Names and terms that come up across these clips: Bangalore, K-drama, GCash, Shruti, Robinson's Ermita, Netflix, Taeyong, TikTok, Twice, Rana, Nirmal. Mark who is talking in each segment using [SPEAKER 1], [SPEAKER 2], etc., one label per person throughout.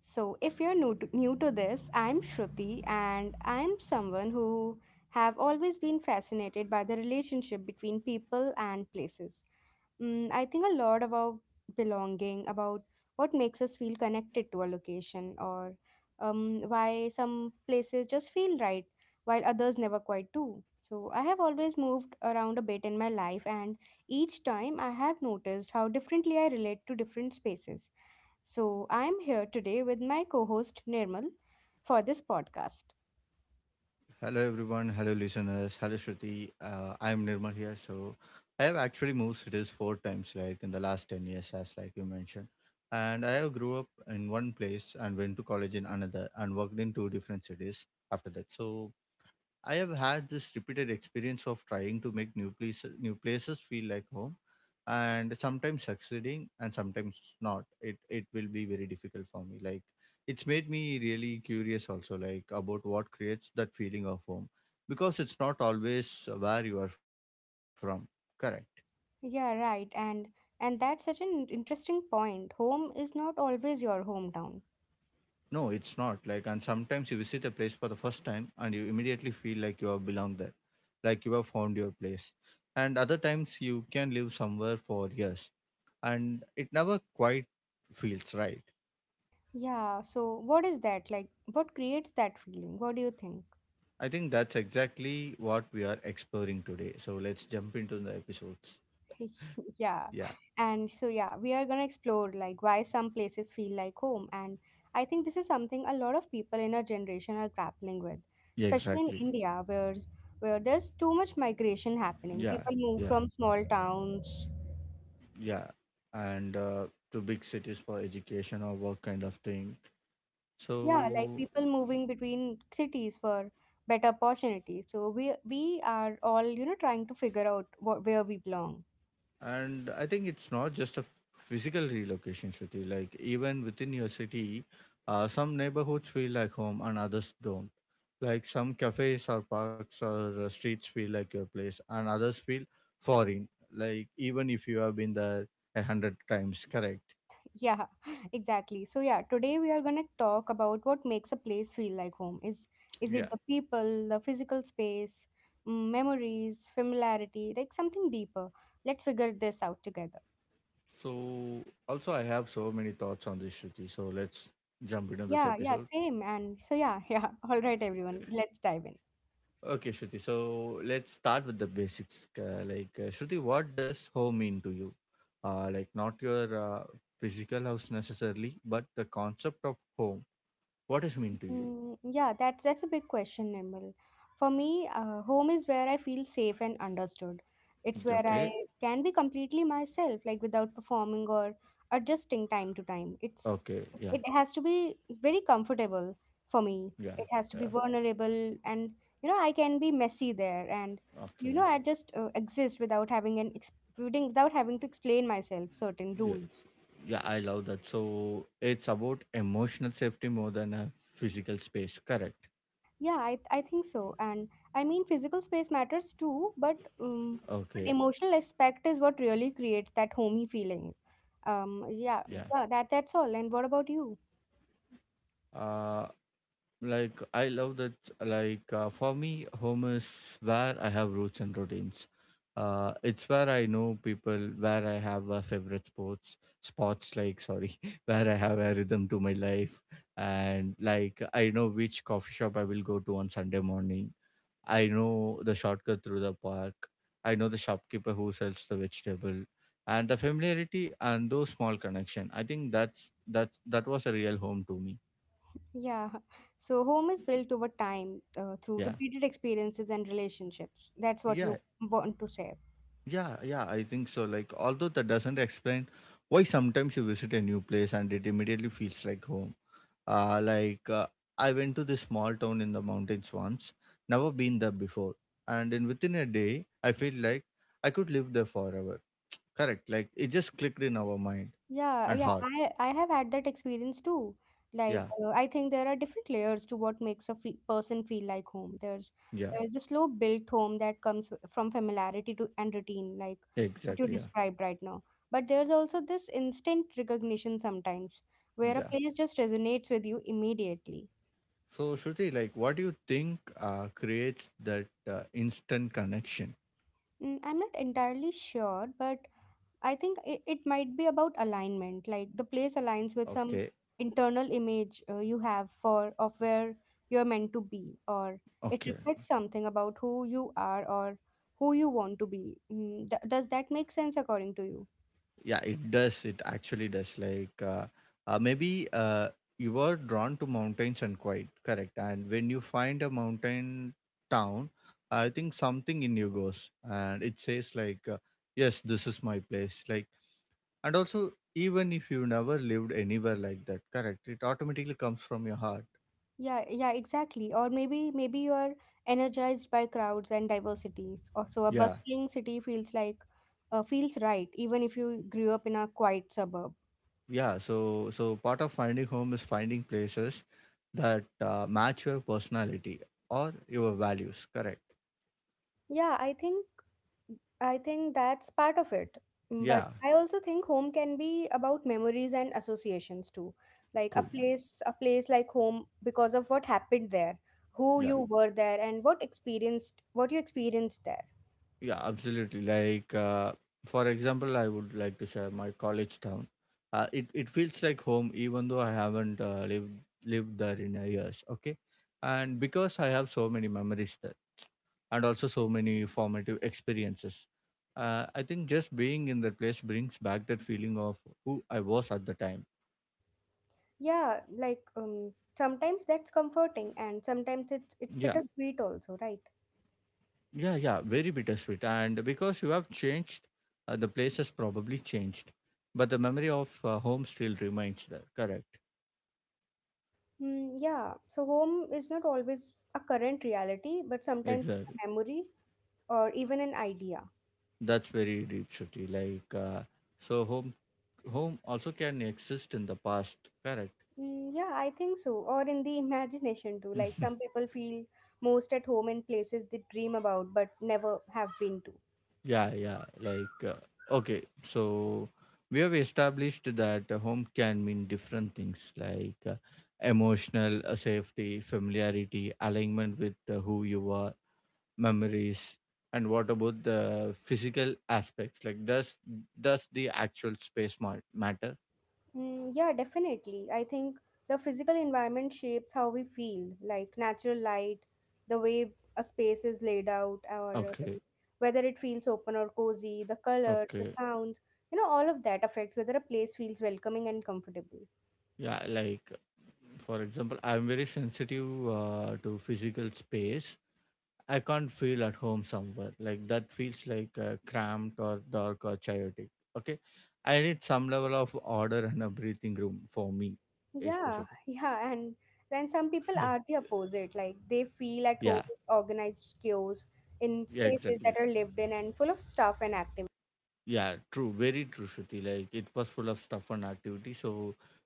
[SPEAKER 1] So, if you're new to this, I'm Shruti and I'm someone who have always been fascinated by the relationship between people and places. I think a lot about belonging, about what makes us feel connected to a location or why some places just feel right while others never quite do. So, I have always moved around a bit in my life, and each time I have noticed how differently I relate to different spaces so, I'm here today with my co-host Nirmal for this podcast.
[SPEAKER 2] Hello everyone, hello listeners, hello Shruti. I'm Nirmal here. So I have actually moved cities four times, like in the last 10 years, as like you mentioned. And I have grew up in one place and went to college in another and worked in two different cities after that. So I have had this repeated experience of trying to make new places feel like home and sometimes succeeding and sometimes not. It will be very difficult for me. Like it's made me really curious also like about what creates that feeling of home because it's not always where you are from. Correct.
[SPEAKER 1] Yeah, right. And that's such an interesting point. Home is not always your hometown.
[SPEAKER 2] No, it's not. Like, and sometimes you visit a place for the first time and you immediately feel like you have belonged there, like you have found your place. And other times you can live somewhere for years and it never quite feels right.
[SPEAKER 1] Yeah, so what is that? Like what creates that feeling? What do you think?
[SPEAKER 2] I think that's exactly what we are exploring today. So let's jump into the episodes.
[SPEAKER 1] Yeah.
[SPEAKER 2] Yeah,
[SPEAKER 1] And so, yeah, we are going to explore like why some places feel like home. And I think this is something a lot of people in our generation are grappling with,
[SPEAKER 2] yeah,
[SPEAKER 1] especially in
[SPEAKER 2] exactly.
[SPEAKER 1] India, where there's too much migration happening.
[SPEAKER 2] Yeah,
[SPEAKER 1] People move
[SPEAKER 2] yeah,
[SPEAKER 1] from small towns.
[SPEAKER 2] yeah. And to big cities for education or work kind of thing.
[SPEAKER 1] Yeah, like
[SPEAKER 2] So.
[SPEAKER 1] people moving between cities for better opportunities. So we are all, you know, trying to figure out what, where we belong.
[SPEAKER 2] And I think it's not just a physical relocation, Shruti. Like even within your city, some neighborhoods feel like home and others don't. Like some cafes or parks or streets feel like your place, and others feel foreign. Like even if you have been there a hundred times, correct?
[SPEAKER 1] Yeah, exactly. So yeah, today we are gonna talk about what makes a place feel like home. Is it
[SPEAKER 2] Yeah.
[SPEAKER 1] the people, the physical space, memories, familiarity, like something deeper? Let's figure this out together.
[SPEAKER 2] So also, I have so many thoughts on this, Shruti. So let's jump into this
[SPEAKER 1] Yeah, yeah,
[SPEAKER 2] episode.
[SPEAKER 1] same. And so yeah, yeah. All right, everyone, let's dive in.
[SPEAKER 2] Okay, Shruti. So let's start with the basics. Shruti, what does home mean to you? Like, not your physical house necessarily, but the concept of home. What does it mean to you?
[SPEAKER 1] Yeah, that's a big question, Nirmal. For me, home is where I feel safe and understood. It's where I
[SPEAKER 2] Okay.
[SPEAKER 1] can be completely myself, like without performing or adjusting time to time.
[SPEAKER 2] Okay.
[SPEAKER 1] It's
[SPEAKER 2] Yeah.
[SPEAKER 1] it, it has to be very comfortable for me.
[SPEAKER 2] Yeah.
[SPEAKER 1] It has to
[SPEAKER 2] Yeah.
[SPEAKER 1] be vulnerable, and you know I can be messy there, and
[SPEAKER 2] Okay.
[SPEAKER 1] you know I just exist without having without having to explain myself certain
[SPEAKER 2] Yeah.
[SPEAKER 1] rules.
[SPEAKER 2] Yeah, I love that. So it's about emotional safety more than a physical space. Correct.
[SPEAKER 1] Yeah, I think so. And I mean, physical space matters too, but
[SPEAKER 2] Okay.
[SPEAKER 1] emotional aspect is what really creates that homey feeling.
[SPEAKER 2] Yeah.
[SPEAKER 1] Yeah, yeah, that's all. And what about you?
[SPEAKER 2] Uh, Like I love that. For me, home is where I have roots and routines. It's where I know people, where I have a favorite sports, spots like sorry, where I have a rhythm to my life, and like I know which coffee shop I will go to on Sunday morning. I know the shortcut through the park. I know the shopkeeper who sells the vegetable, and the familiarity and those small connection. I think that's that was a real home to me.
[SPEAKER 1] Yeah, so home is built over time through
[SPEAKER 2] Yeah.
[SPEAKER 1] repeated experiences and relationships. That's what you
[SPEAKER 2] Yeah.
[SPEAKER 1] want to say.
[SPEAKER 2] Yeah, yeah, I think so. Like, although that doesn't explain why sometimes you visit a new place and it immediately feels like home. Uh, like, uh, I went to this small town in the mountains once, never been there before. And in within a day, I feel like I could live there forever. Correct. Like, it just clicked in our mind
[SPEAKER 1] Yeah,
[SPEAKER 2] and
[SPEAKER 1] yeah,
[SPEAKER 2] heart.
[SPEAKER 1] I have had that experience too. Like
[SPEAKER 2] Yeah,
[SPEAKER 1] I think there are different layers to what makes a fe person feel like home. There's
[SPEAKER 2] yeah,
[SPEAKER 1] there's the slow built home that comes from familiarity to and routine, like what you
[SPEAKER 2] exactly. Yeah,
[SPEAKER 1] described right now. But there's also this instant recognition sometimes where a
[SPEAKER 2] yeah.
[SPEAKER 1] place just resonates with you immediately.
[SPEAKER 2] So, Shruti, like, what do you think creates that instant connection?
[SPEAKER 1] I'm not entirely sure, but I think it might be about alignment, like the place
[SPEAKER 2] Okay,
[SPEAKER 1] aligns with some internal image you have for of where you're meant to be, or
[SPEAKER 2] okay.
[SPEAKER 1] it reflects something about who you are or who you want to be. Does that make sense according to you?
[SPEAKER 2] Yeah it does, it actually does. Like maybe You are drawn to mountains and quiet, correct, and when you find a mountain town, I think something in you goes and it says yes, this is my place. Like, and also even if you never lived anywhere like that, correct, it automatically comes from your heart.
[SPEAKER 1] Yeah, yeah, exactly. Or maybe you are energized by crowds and diversities. Or so a
[SPEAKER 2] Yeah,
[SPEAKER 1] bustling city feels like feels right, even if you grew up in a quiet suburb.
[SPEAKER 2] yeah, so so part of finding home is finding places that match your personality or your values, correct.
[SPEAKER 1] Yeah, I think that's part of it. But
[SPEAKER 2] Yeah.
[SPEAKER 1] I also think home can be about memories and associations too. Like
[SPEAKER 2] Cool.
[SPEAKER 1] a place like home because of what happened there, who
[SPEAKER 2] Yeah.
[SPEAKER 1] you were there, and what you experienced there.
[SPEAKER 2] Yeah, absolutely. For example, I would like to share my college town. It feels like home, even though I haven't lived there in years. Okay, and because I have so many memories there, and also so many formative experiences. I think just being in that place brings back that feeling of who I was at the time.
[SPEAKER 1] Yeah, like sometimes that's comforting and
[SPEAKER 2] Yeah,
[SPEAKER 1] sometimes it's bittersweet also, right?
[SPEAKER 2] yeah, yeah. Very bittersweet, and because you have changed, the place has probably changed, but the memory of home still remains there. Correct.
[SPEAKER 1] Yeah. So home is not always a current reality, but sometimes it's
[SPEAKER 2] Exactly.
[SPEAKER 1] a memory or even an idea.
[SPEAKER 2] That's very deep, Shruti. So home also can exist in the past, correct?
[SPEAKER 1] Yeah, I think so. Or in the imagination too. Like some people feel most at home in places they dream about but never have been to.
[SPEAKER 2] Yeah, yeah. Okay, so we have established that a home can mean different things emotional safety, familiarity, alignment with who you are, memories, and what about the physical aspects? Like, does the actual space matter?
[SPEAKER 1] Yeah, definitely. I think the physical environment shapes how we feel, like natural light, the way a space is laid out, or
[SPEAKER 2] Okay,
[SPEAKER 1] whether it feels open or cozy, the colors, the
[SPEAKER 2] okay.
[SPEAKER 1] sounds, you know, all of that affects whether a place feels welcoming and comfortable.
[SPEAKER 2] Yeah, like for example I'm very sensitive to physical space. I can't feel at home somewhere like that feels like cramped or dark or chaotic. Okay. I need some level of order and a breathing room for me,
[SPEAKER 1] Yeah,
[SPEAKER 2] especially.
[SPEAKER 1] yeah, and then some people are the opposite, like they
[SPEAKER 2] Yeah,
[SPEAKER 1] feel at home is organized chaos
[SPEAKER 2] yeah,
[SPEAKER 1] in
[SPEAKER 2] exactly.
[SPEAKER 1] spaces that are lived in and full of stuff and activity.
[SPEAKER 2] Yeah, true, very true, Shruti. Like it was full of stuff and activity. So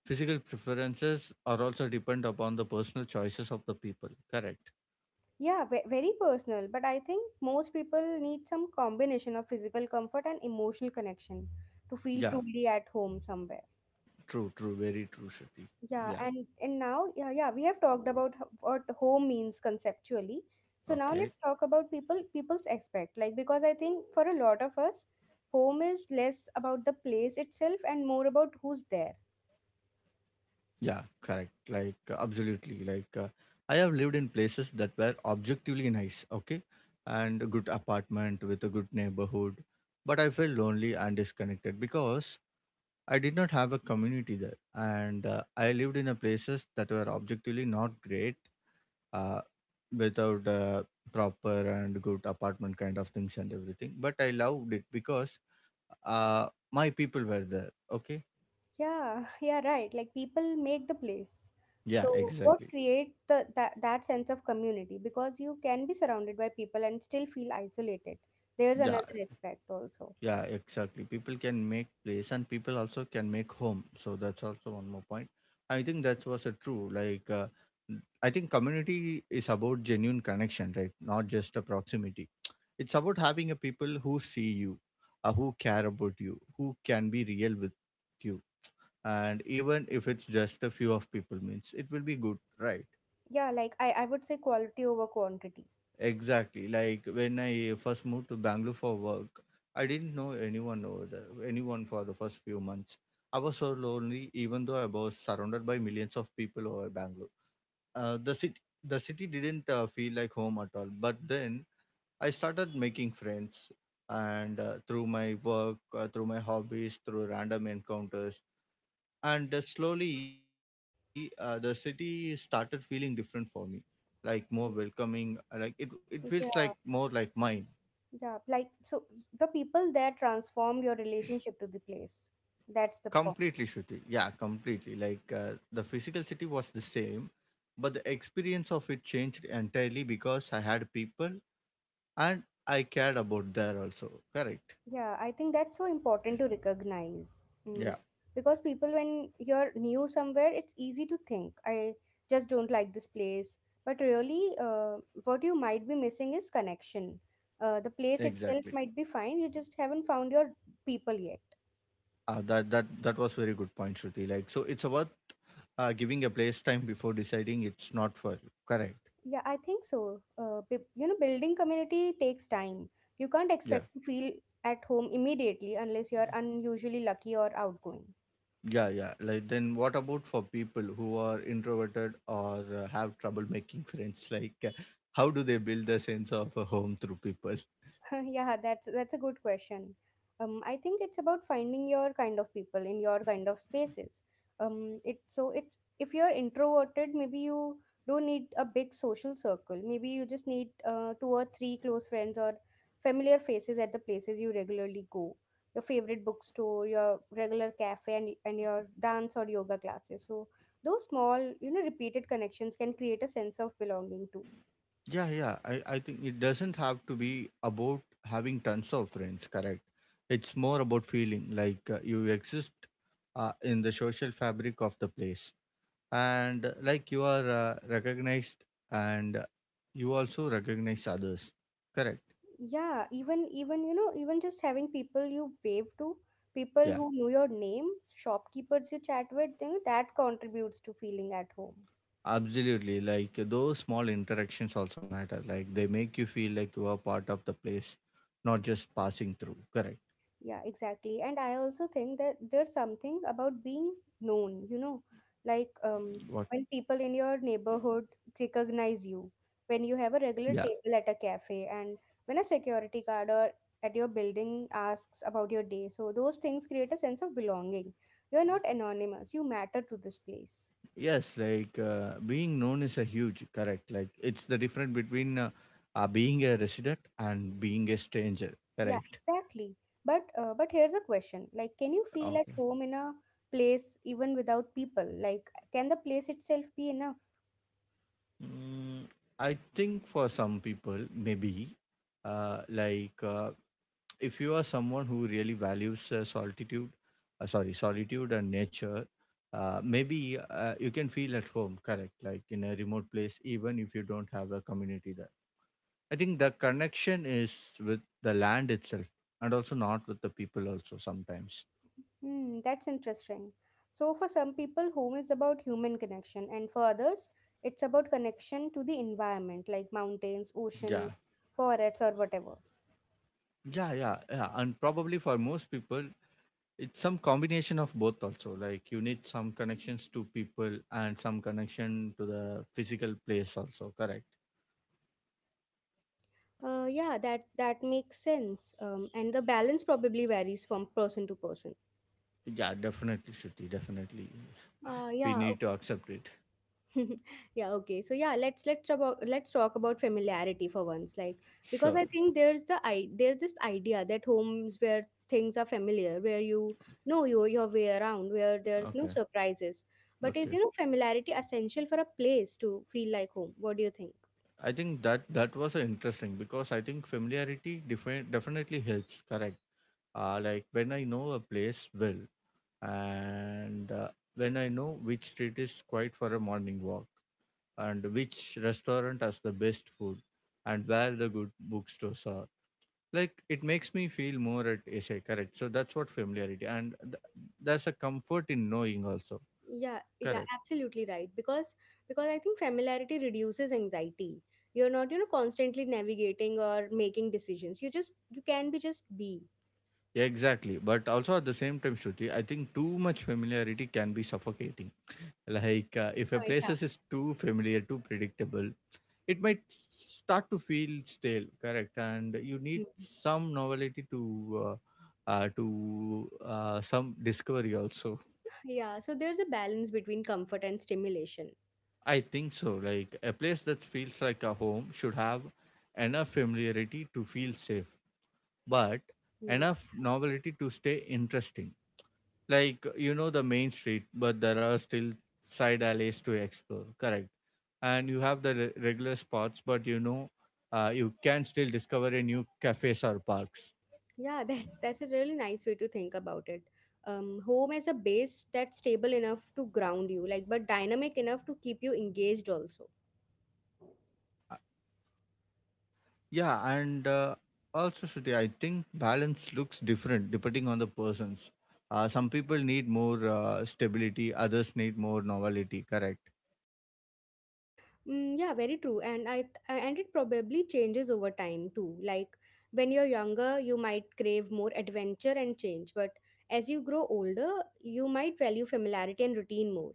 [SPEAKER 2] physical preferences are also depend upon the personal choices of the people, correct.
[SPEAKER 1] Yeah, very personal, but I think most people need some combination of physical comfort and emotional connection to feel
[SPEAKER 2] Yeah,
[SPEAKER 1] truly at home somewhere.
[SPEAKER 2] true, true, very true, Shruti.
[SPEAKER 1] Yeah,
[SPEAKER 2] Yeah.
[SPEAKER 1] and now yeah, yeah, we have talked about what home means conceptually. So now
[SPEAKER 2] Okay.
[SPEAKER 1] let's talk about people's aspect. Like because I think for a lot of us, home is less about the place itself and more about who's there.
[SPEAKER 2] Yeah, correct. Absolutely. I have lived in places that were objectively nice, okay, and a good apartment with a good neighborhood, but I felt lonely and disconnected because I did not have a community there, and I lived in a places that were objectively not great, uh, without proper and good apartment kind of things and everything. But I loved it because my people were there. Okay,
[SPEAKER 1] Yeah, yeah, right. Like people make the place.
[SPEAKER 2] yeah,
[SPEAKER 1] So what
[SPEAKER 2] exactly.
[SPEAKER 1] create that sense of community? Because you can be surrounded by people and still feel isolated. There's
[SPEAKER 2] Yeah.
[SPEAKER 1] another aspect also.
[SPEAKER 2] Yeah, exactly. People can make place and people also can make home. So that's also one more point. I think that was a true. I think community is about genuine connection, right? Not just a proximity. It's about having a people who see you, who care about you, who can be real with you. And even if it's just a few of people, means it will be good, right?
[SPEAKER 1] Yeah, like I would say quality over quantity.
[SPEAKER 2] Exactly. Like when I first moved to Bangalore for work, I didn't know anyone over there, anyone for the first few months. I was so lonely, even though I was surrounded by millions of people over Bangalore. Uh, the city, the city didn't feel like home at all. But then I started making friends, and through my work, through my hobbies, through random encounters, and slowly the city started feeling different for me, like more
[SPEAKER 1] Mm.
[SPEAKER 2] welcoming. Like it feels like more like
[SPEAKER 1] Yeah,
[SPEAKER 2] mine.
[SPEAKER 1] yeah. Like so the people there transformed your relationship to the place. That's the point.
[SPEAKER 2] Completely, Shruti. Yeah, completely. The physical city was the same, but the experience of it changed entirely because I had people and I cared about there also. Correct.
[SPEAKER 1] Yeah, I think that's so important to recognize. Mm.
[SPEAKER 2] Yeah,
[SPEAKER 1] Because people, when you're new somewhere, it's easy to think, I just don't like this place. But really, what you might be missing is connection. The
[SPEAKER 2] exactly.
[SPEAKER 1] place itself might be fine, you just haven't found your people yet.
[SPEAKER 2] That was very good point, Shruti. Like so, it's about giving a place time before deciding it's not for you. Correct.
[SPEAKER 1] Yeah, I think so. You know, building community takes time. You can't
[SPEAKER 2] Yeah.
[SPEAKER 1] expect to feel at home immediately unless you're unusually lucky or outgoing.
[SPEAKER 2] Yeah, yeah. Like then, what about for people who are introverted or have trouble making friends? How do they build the sense of a home through people?
[SPEAKER 1] Yeah, that's a good question. I think it's about finding your kind of people in your kind of spaces. It's if you're introverted, maybe you don't need a big social circle. Maybe you just need two or three close friends or familiar faces at the places you regularly go. Your favorite bookstore, your regular cafe, and your dance or yoga classes. So those small, you know, repeated connections can create a sense of belonging too.
[SPEAKER 2] Yeah, yeah. I think it doesn't have to be about having tons of friends, correct? It's more about feeling like you exist in the social fabric of the place and like you are recognized and you also recognize others, correct?
[SPEAKER 1] Yeah, even, even, you know, even just having people you wave to, people
[SPEAKER 2] Yeah,
[SPEAKER 1] who know your name, shopkeepers you chat with, you know, that contributes to feeling at home.
[SPEAKER 2] absolutely. Those small interactions also matter. Like they make you feel like you are part of the place, not just passing through, correct?
[SPEAKER 1] Yeah, exactly. And I also think that there's something about being known, you know, like
[SPEAKER 2] What?
[SPEAKER 1] when people in your neighborhood recognize you, when you
[SPEAKER 2] Yeah.
[SPEAKER 1] have a regular table at a cafe, and when a security guard or at your building asks about your day, so those things create a sense of belonging. You're not anonymous, you matter to this place.
[SPEAKER 2] Yes, being known is a huge, correct. Like it's the difference between being a resident and being a stranger,
[SPEAKER 1] Yeah,
[SPEAKER 2] correct.
[SPEAKER 1] exactly. But here's a question. Like, can you feel at
[SPEAKER 2] Okay.
[SPEAKER 1] home in a place even without people? Like, can the place itself be enough?
[SPEAKER 2] Mm, I think for some people, maybe, uh, like uh, if you are someone who really values solitude, sorry, solitude and nature, maybe you can feel at home, correct, like in a remote place, even if you don't have a community there. I think the connection is with the land itself and also not with the people also sometimes.
[SPEAKER 1] Hmm, that's interesting. So for some people, home is about human connection, and for others, it's about connection to the environment, like
[SPEAKER 2] Yeah.
[SPEAKER 1] mountains, ocean, forests, or whatever.
[SPEAKER 2] Yeah, yeah, yeah. And probably for most people, it's some combination of both also. Like you need some connections to people and some connection to the physical place also, correct?
[SPEAKER 1] Yeah, that that makes sense. And the balance probably varies from person to person.
[SPEAKER 2] Yeah, definitely, Shruti, definitely. We
[SPEAKER 1] Yeah,
[SPEAKER 2] need to accept it.
[SPEAKER 1] yeah. Okay, so yeah, let's talk about familiarity for once. Like, because I
[SPEAKER 2] Sure.
[SPEAKER 1] think there's the I there's this idea that home's where things are familiar, where you know your way around, where there's no
[SPEAKER 2] Okay.
[SPEAKER 1] surprises. But, is
[SPEAKER 2] Okay.
[SPEAKER 1] you know, familiarity essential for a place to feel like home? What do you think?
[SPEAKER 2] I think that that was interesting because I think familiarity definitely helps, correct? Like when I know a place well and when I know which street is quiet for a morning walk and which restaurant has the best food and where the good bookstores are. Like it makes me feel more at SA, correct? So that's what familiarity and there's a comfort in knowing also,
[SPEAKER 1] Yeah, yeah,
[SPEAKER 2] correct?
[SPEAKER 1] absolutely right. Because I think familiarity reduces anxiety. You're not, you know, constantly navigating or making decisions. You just, you can be.
[SPEAKER 2] Yeah, exactly. But also at the same time, Shruti, I think too much familiarity can be suffocating. Like if a
[SPEAKER 1] Oh,
[SPEAKER 2] place
[SPEAKER 1] yeah.
[SPEAKER 2] is too familiar, too predictable, it might start to feel stale, correct? And you need
[SPEAKER 1] Mm-hmm.
[SPEAKER 2] some novelty to uh, uh, to some discovery also.
[SPEAKER 1] Yeah, so there's a balance between comfort and stimulation.
[SPEAKER 2] I think so. Like a place that feels like a home should have enough familiarity to feel safe but
[SPEAKER 1] Hmm.
[SPEAKER 2] enough novelty to stay interesting. Like, you know, the main street but there are still side alleys to explore, correct? And you have the regular spots but, you know, you can still discover a new cafes or parks.
[SPEAKER 1] Yeah, that that's a really nice way to think about it. Home as a base that's stable enough to ground you, like but dynamic enough to keep you engaged also.
[SPEAKER 2] Yeah, yeah, and also Shruti, I think balance looks different depending on the persons. Some people need more stability, others need more novelty, correct?
[SPEAKER 1] Yeah, very true. And it probably changes over time too. Like when you're younger, you might crave more adventure and change, but as you grow older, you might value familiarity and routine more.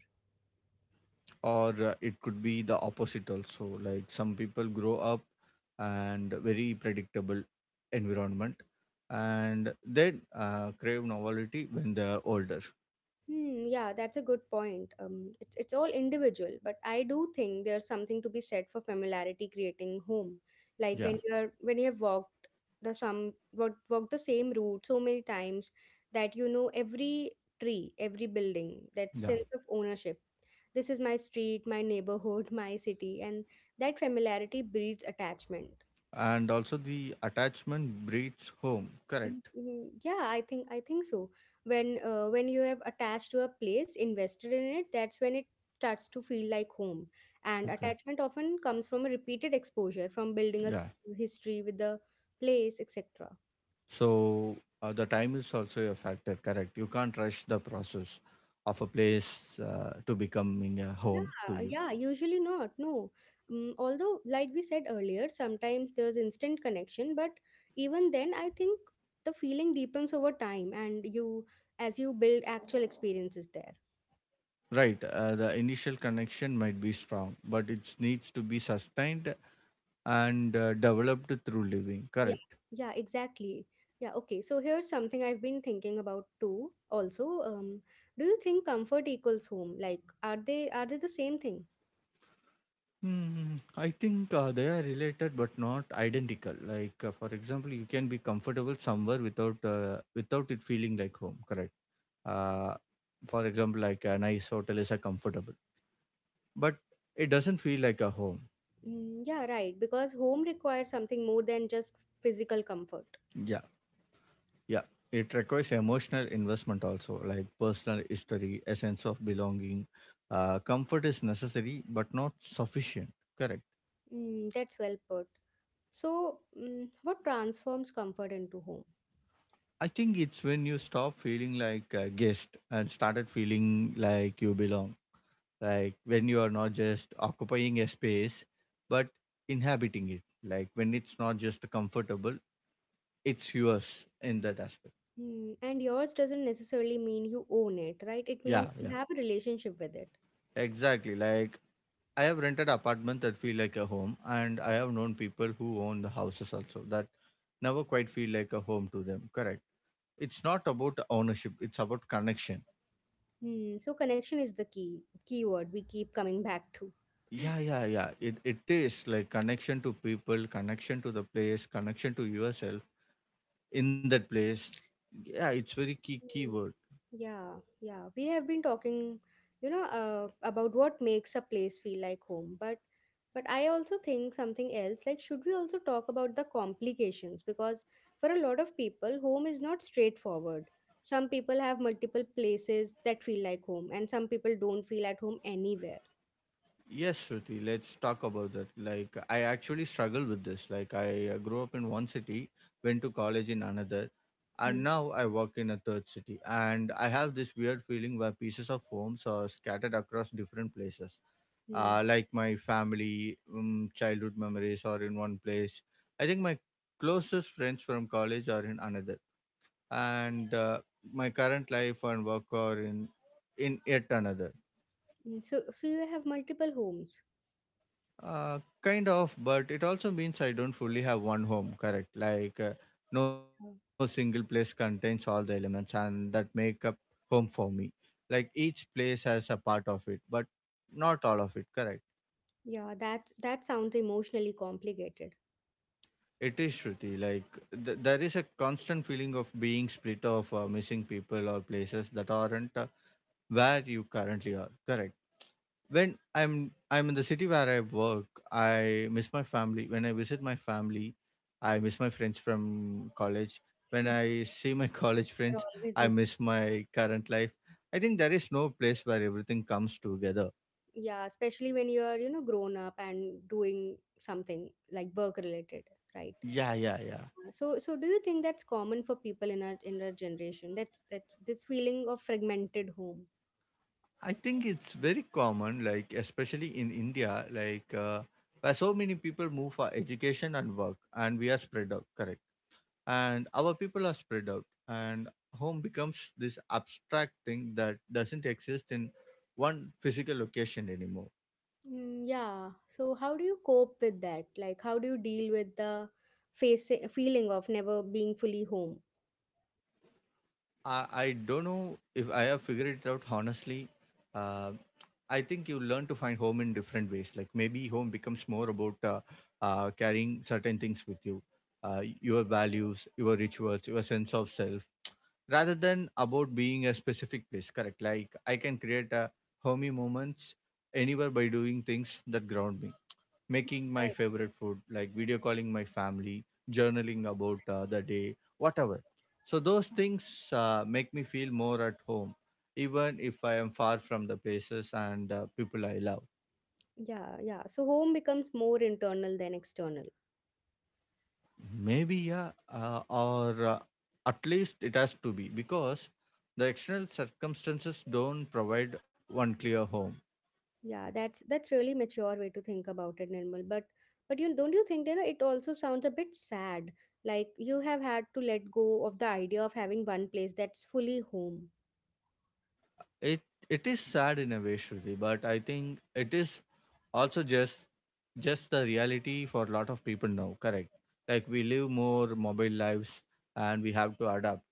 [SPEAKER 2] Or it could be the opposite also. Like, some people grow up and very predictable environment, and then crave novelty when they're older.
[SPEAKER 1] Hmm, yeah, that's a good point. It's all individual, but I do think there's something to be said for familiarity creating home. Like
[SPEAKER 2] Yeah,
[SPEAKER 1] when you have walked walked the same route so many times that you know every tree, every building, that
[SPEAKER 2] yeah,
[SPEAKER 1] sense of ownership. This is my street, my neighborhood, my city, and that familiarity breeds attachment.
[SPEAKER 2] and also the attachment breeds home, correct?
[SPEAKER 1] Mhm. Yeah, I think so. When you have attached to a place, invested in it, that's when it starts to feel like home. And
[SPEAKER 2] Okay,
[SPEAKER 1] attachment often comes from a repeated exposure, from building
[SPEAKER 2] yeah.
[SPEAKER 1] history with the place, etc.
[SPEAKER 2] So the time is also a factor, correct? You can't rush the process of a place to becoming a home to
[SPEAKER 1] Yeah,
[SPEAKER 2] you.
[SPEAKER 1] yeah, usually not. No. Although, like we said earlier, sometimes there's instant connection, but even then, I think the feeling deepens over time, and you as you build actual experiences there.
[SPEAKER 2] Right, the initial connection might be strong, but it needs to be sustained and developed through living,
[SPEAKER 1] Yeah,
[SPEAKER 2] correct?
[SPEAKER 1] yeah, exactly. Yeah, okay. So here's something I've been thinking about too. Also, do you think comfort equals home? Like, are they the same thing?
[SPEAKER 2] Hmm, I think they are related but not identical. Like, for example, you can be comfortable somewhere without without it feeling like home, correct? Uh, for example, like a nice hotel is a comfortable, but it doesn't feel like a home.
[SPEAKER 1] Mm, yeah, right. Because home requires something more than just physical comfort.
[SPEAKER 2] Yeah, yeah. It requires emotional investment also, like personal history, a sense of belonging. Comfort is necessary, but not sufficient. Correct.
[SPEAKER 1] Mm, that's well put. So, what transforms comfort into home?
[SPEAKER 2] I think it's when you stop feeling like a guest and started feeling like you belong. Like, when you are not just occupying a space, but inhabiting it. Like, when it's not just comfortable, it's yours in that aspect.
[SPEAKER 1] Mm, and yours doesn't necessarily mean you own it, right? It
[SPEAKER 2] Yeah,
[SPEAKER 1] means you
[SPEAKER 2] yeah.
[SPEAKER 1] have a relationship with it.
[SPEAKER 2] Exactly. Like, I have rented apartments that feel like a home, and I have known people who own the houses also that never quite feel like a home to them. Correct. It's not about ownership, it's about connection.
[SPEAKER 1] Mm, so connection is the keyword we keep coming back to.
[SPEAKER 2] Yeah, yeah, yeah. It is like connection to people, connection to the place, connection to yourself in that place. Yeah, it's very key
[SPEAKER 1] Mm,
[SPEAKER 2] keyword.
[SPEAKER 1] yeah, yeah. We have been talking, about what makes a place feel like home, but I also think something else, like should we also talk about the complications? Because for a lot of people, home is not straightforward. Some people have multiple places that feel like home, and some people don't feel at home anywhere.
[SPEAKER 2] Yes, Shruti, let's talk about that. Like, I actually struggle with this. Like, I grew up in one city, went to college in another,
[SPEAKER 1] Hmm.
[SPEAKER 2] and now I work in a third city. And I have this weird feeling where pieces of homes are scattered across different places.
[SPEAKER 1] Hmm.
[SPEAKER 2] Like my family, childhood memories are in one place. I think my closest friends from college are in another, and my current life and work are in yet another.
[SPEAKER 1] Mm, so you have multiple homes.
[SPEAKER 2] Kind of, but it also means I don't fully have one home, correct? Like, no single
[SPEAKER 1] Oh.
[SPEAKER 2] place contains all the elements and that make up home for me. Like, each place has a part of it, but not all of it, correct?
[SPEAKER 1] Yeah, that sounds emotionally complicated.
[SPEAKER 2] It is, Shruti. Like, there is a constant feeling of being split off, missing people or places that aren't where you currently are, correct? When I'm in the city where I work, I miss my family. When I visit my family, I miss my friends from college. When I see my college
[SPEAKER 1] They're
[SPEAKER 2] friends, I
[SPEAKER 1] always.
[SPEAKER 2] miss my current life. I think there is no place where everything comes together.
[SPEAKER 1] Yeah, especially when you're, you know, grown up and doing something like work related, right?
[SPEAKER 2] Yeah, yeah, yeah.
[SPEAKER 1] So, do you think that's common for people in our generation? That's this feeling of fragmented home.
[SPEAKER 2] I think it's very common, like especially in India. Like where so many people move for education and work, and we are spread out, correct? And our people are spread out, and home becomes this abstract thing that doesn't exist in one physical location anymore.
[SPEAKER 1] Mm, yeah. So, how do you cope with that? Like, how do you deal with the facing feeling of never being fully home?
[SPEAKER 2] I don't know if I have figured it out, honestly. uh, I think you learn to find home in different ways. Like, maybe home becomes more about carrying certain things with you, your values, your rituals, your sense of self, rather than about being a specific place, correct? Like, I can create a homey moments anywhere by doing things that ground me, making my
[SPEAKER 1] Right.
[SPEAKER 2] favorite food, like video calling my family, journaling about the day, whatever. So those things make me feel more at home, even if I am far from the places and people I love.
[SPEAKER 1] Yeah, yeah. So, home becomes more internal than external.
[SPEAKER 2] Maybe, yeah. Or At least it has to be, because the external circumstances don't provide one clear home.
[SPEAKER 1] Yeah, that's really mature way to think about it, Nirmal. But you don't you think you know it also sounds a bit sad. Like you have had to let go of the idea of having one place that's fully home.
[SPEAKER 2] It it is sad in a way, Shruti, but I think it is also just the reality for a lot of people now. Correct. Like, we live more mobile lives and we have to adapt.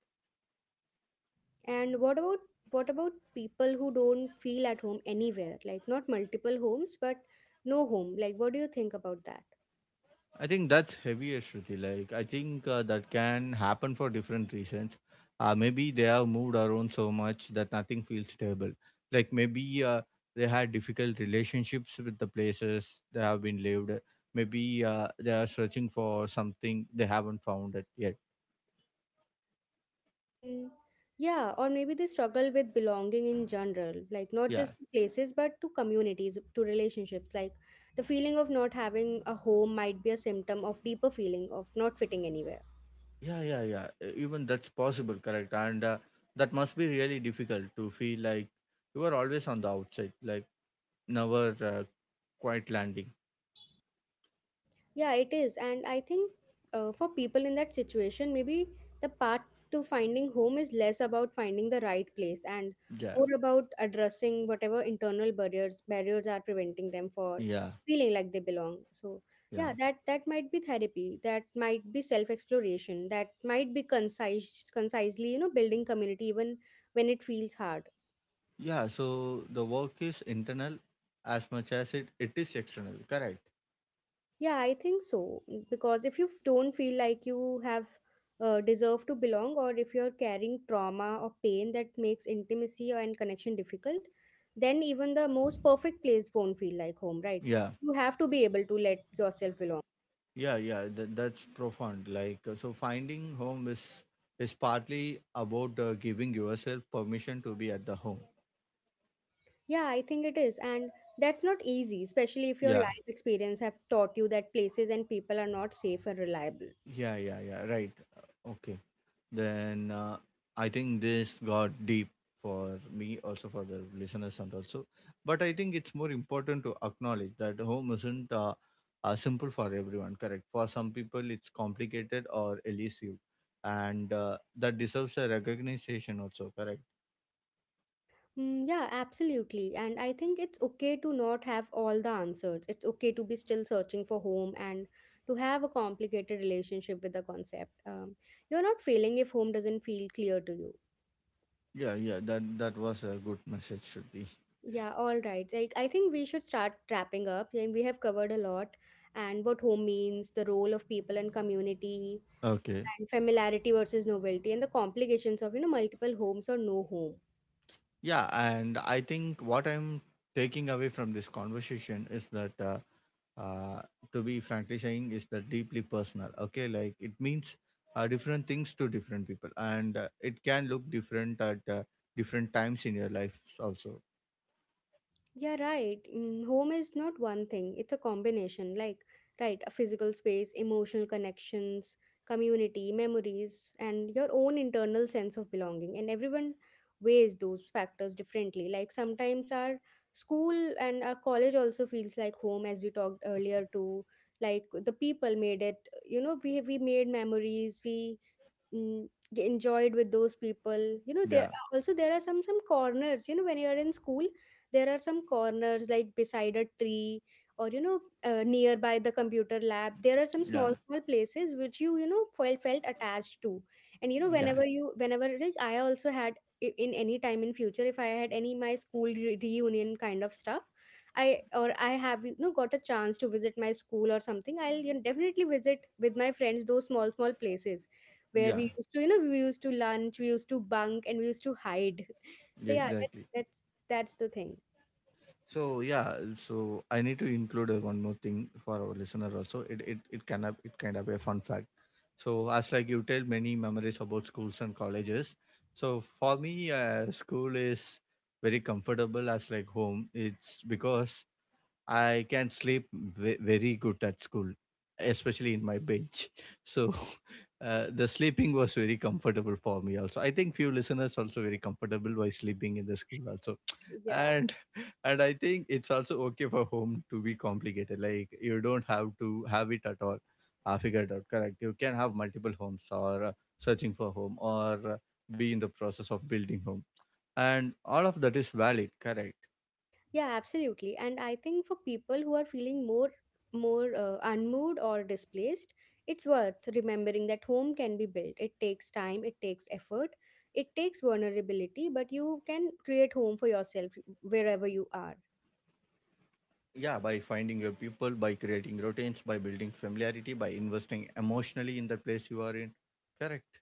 [SPEAKER 1] And what about people who don't feel at home anywhere? Like not multiple homes, but no home. Like what do you think about that?
[SPEAKER 2] I think that's heavier, Shruti. Like, I think that can happen for different reasons. Maybe they have moved around so much that nothing feels stable. Like maybe they had difficult relationships with the places they have been lived. Maybe they are searching for something they haven't found it yet.
[SPEAKER 1] Mm, yeah, or maybe they struggle with belonging in general, like not
[SPEAKER 2] Yeah,
[SPEAKER 1] just to places, but to communities, to relationships. Like the feeling of not having a home might be a symptom of deeper feeling of not fitting anywhere.
[SPEAKER 2] yeah, yeah, yeah. Even that's possible, correct? And that must be really difficult to feel like you are always on the outside, like never quite landing.
[SPEAKER 1] Yeah, it is. And I think for people in that situation, maybe the path to finding home is less about finding the right place and
[SPEAKER 2] Yeah,
[SPEAKER 1] more about addressing whatever internal barriers are preventing them for
[SPEAKER 2] yeah,
[SPEAKER 1] feeling like they belong. So
[SPEAKER 2] yeah,
[SPEAKER 1] yeah, that might be therapy, that might be self exploration, that might be concisely, you know, building community even when it feels hard.
[SPEAKER 2] yeah. So the work is internal as much as it is external, correct?
[SPEAKER 1] Yeah, I think so. Because if you don't feel like you have deserve to belong, or if you're carrying trauma or pain that makes intimacy and connection difficult, then even the most perfect place won't feel like home, right?
[SPEAKER 2] Yeah,
[SPEAKER 1] You have to be able to let yourself belong.
[SPEAKER 2] yeah, yeah. That, that's profound. Like so, finding home is partly about giving yourself permission to be at the home.
[SPEAKER 1] Yeah, I think it is. And that's not easy, especially if your
[SPEAKER 2] Yeah,
[SPEAKER 1] life experience have taught you that places and people are not safe and reliable.
[SPEAKER 2] yeah, yeah, yeah. Right. Okay. Then I think this got deep for me, also for the listeners, and also. But I think it's more important to acknowledge that home isn't simple for everyone, correct? For some people, it's complicated or elusive, and that deserves a recognition, also, correct?
[SPEAKER 1] Mm, yeah, absolutely. And I think it's okay to not have all the answers. It's okay to be still searching for home and to have a complicated relationship with the concept. You're not failing if home doesn't feel clear to you.
[SPEAKER 2] Yeah, yeah, that, that was a good message, Shruti.
[SPEAKER 1] Yeah, all right. Like I think we should start wrapping up. And we have covered a lot and what home means, the role of people and community,
[SPEAKER 2] Okay.
[SPEAKER 1] and familiarity versus novelty, and the complications of you know multiple homes or no home.
[SPEAKER 2] Yeah, and I think what I'm taking away from this conversation is that. Uh, to be frankly saying is the deeply personal, okay? Like, it means different things to different people, and it can look different at different times in your life also.
[SPEAKER 1] Yeah, right. Mm, home is not one thing, it's a combination. Like, right, a physical space, emotional connections, community, memories, and your own internal sense of belonging. And everyone weighs those factors differently. Like, sometimes our school and our college also feels like home, as we talked earlier, too. Like, the people made it, you know, we made memories, we mm, enjoyed with those people, you know,
[SPEAKER 2] Yeah,
[SPEAKER 1] also there are some corners, you know, when you are in school, there are some corners like beside a tree or, you know, nearby the computer lab. There are some
[SPEAKER 2] yeah,
[SPEAKER 1] small small places which you know, felt attached to. And you know,
[SPEAKER 2] yeah,
[SPEAKER 1] whenever, like, I also had, in any time in future, if I had any my school reunion kind of stuff, I or I have, you know, got a chance to visit my school or something, I'll, you know, definitely visit with my friends those small small places where
[SPEAKER 2] yeah,
[SPEAKER 1] we used to, you know, we used to lunch, we used to bunk, and we used to hide. So
[SPEAKER 2] yeah,
[SPEAKER 1] yeah,
[SPEAKER 2] exactly.
[SPEAKER 1] that's the thing.
[SPEAKER 2] So, yeah, so I need to include one more thing for our listener also. It kind of, it kind of a fun fact. So, as like you tell many memories about schools and colleges, so for me, school is very comfortable as like home. It's because I can sleep very good at school, especially in my bench. So the sleeping was very comfortable for me. Also, I think few listeners also very comfortable by sleeping in the school also,
[SPEAKER 1] Yeah,
[SPEAKER 2] and and I think it's also okay for home to be complicated. Like, you don't have to have it at all figured out. Correct. You can have multiple homes, or searching for home, or be in the process of building home, and all of that is valid. Correct.
[SPEAKER 1] yeah, absolutely. And I think for people who are feeling more unmoved or displaced, it's worth remembering that home can be built. It takes time, it takes effort, it takes vulnerability, but you can create home for yourself wherever you are.
[SPEAKER 2] Yeah, by finding your people, by creating routines, by building familiarity, by investing emotionally in the place you are in. Correct.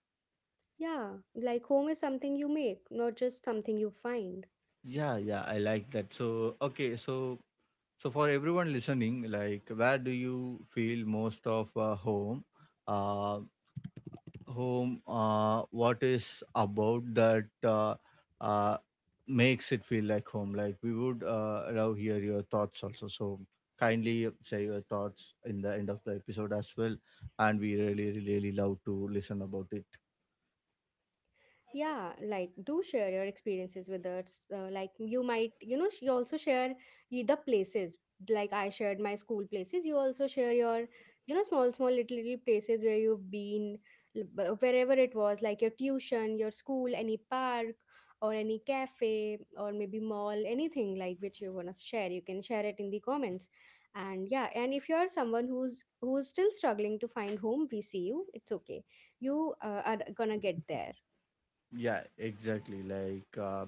[SPEAKER 1] Yeah, like home is something you make, not just something you find.
[SPEAKER 2] Yeah, yeah, I like that. So, okay, so so for everyone listening, like where do you feel most of home? Uh, Home, what is about that uh, makes it feel like home? Like, we would love hear your thoughts also. So kindly share your thoughts in the end of the episode as well, and we really really love to listen about it.
[SPEAKER 1] Yeah, like do share your experiences with us. Like you might, you know, you also share you the places. Like I shared my school places. You also share your, you know, small, small, little, little places where you've been, wherever it was, like your tuition, your school, any park or any cafe or maybe mall, anything like which you wanna share. You can share it in the comments. And yeah, and if you're someone who's still struggling to find home, we see you. It's okay. You are gonna get there.
[SPEAKER 2] Yeah, exactly. Like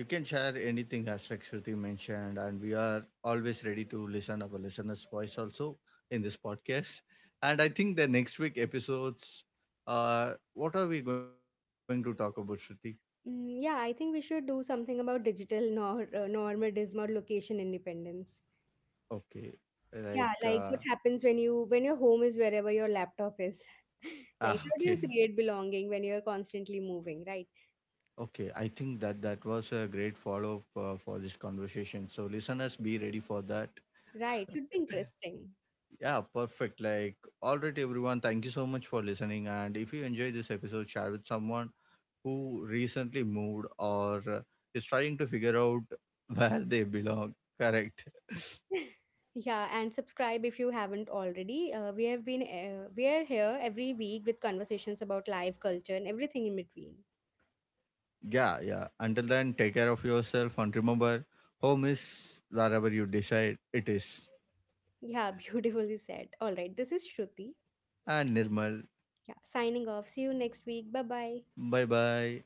[SPEAKER 2] you can share anything as like Shruti mentioned, and we are always ready to listen our listeners' voice also in this podcast. And I think the next week episodes, what are we going to talk about, Shruti?
[SPEAKER 1] Mm, yeah, I think we should do something about digital nor normalism or location independence.
[SPEAKER 2] Okay, like
[SPEAKER 1] Yeah, like what happens when your home is wherever your laptop is. Like
[SPEAKER 2] ah,
[SPEAKER 1] how do you
[SPEAKER 2] okay,
[SPEAKER 1] create belonging when you're constantly moving, right?
[SPEAKER 2] okay. I think that that was a great follow up for this conversation. So listeners, be ready for that.
[SPEAKER 1] Right, should be interesting.
[SPEAKER 2] Yeah, perfect. Like, all right, everyone. Thank you so much for listening. And if you enjoyed this episode, share with someone who recently moved or is trying to figure out where they belong. Correct.
[SPEAKER 1] Yeah, and subscribe if you haven't already. We have been we are here every week with conversations about life, culture, and everything in between.
[SPEAKER 2] Yeah, yeah. Until then, take care of yourself and remember, home is wherever you decide it is.
[SPEAKER 1] Yeah, beautifully said. All right, this is Shruti.
[SPEAKER 2] And Nirmal,
[SPEAKER 1] Yeah, signing off. See you next week. Bye bye.
[SPEAKER 2] bye bye.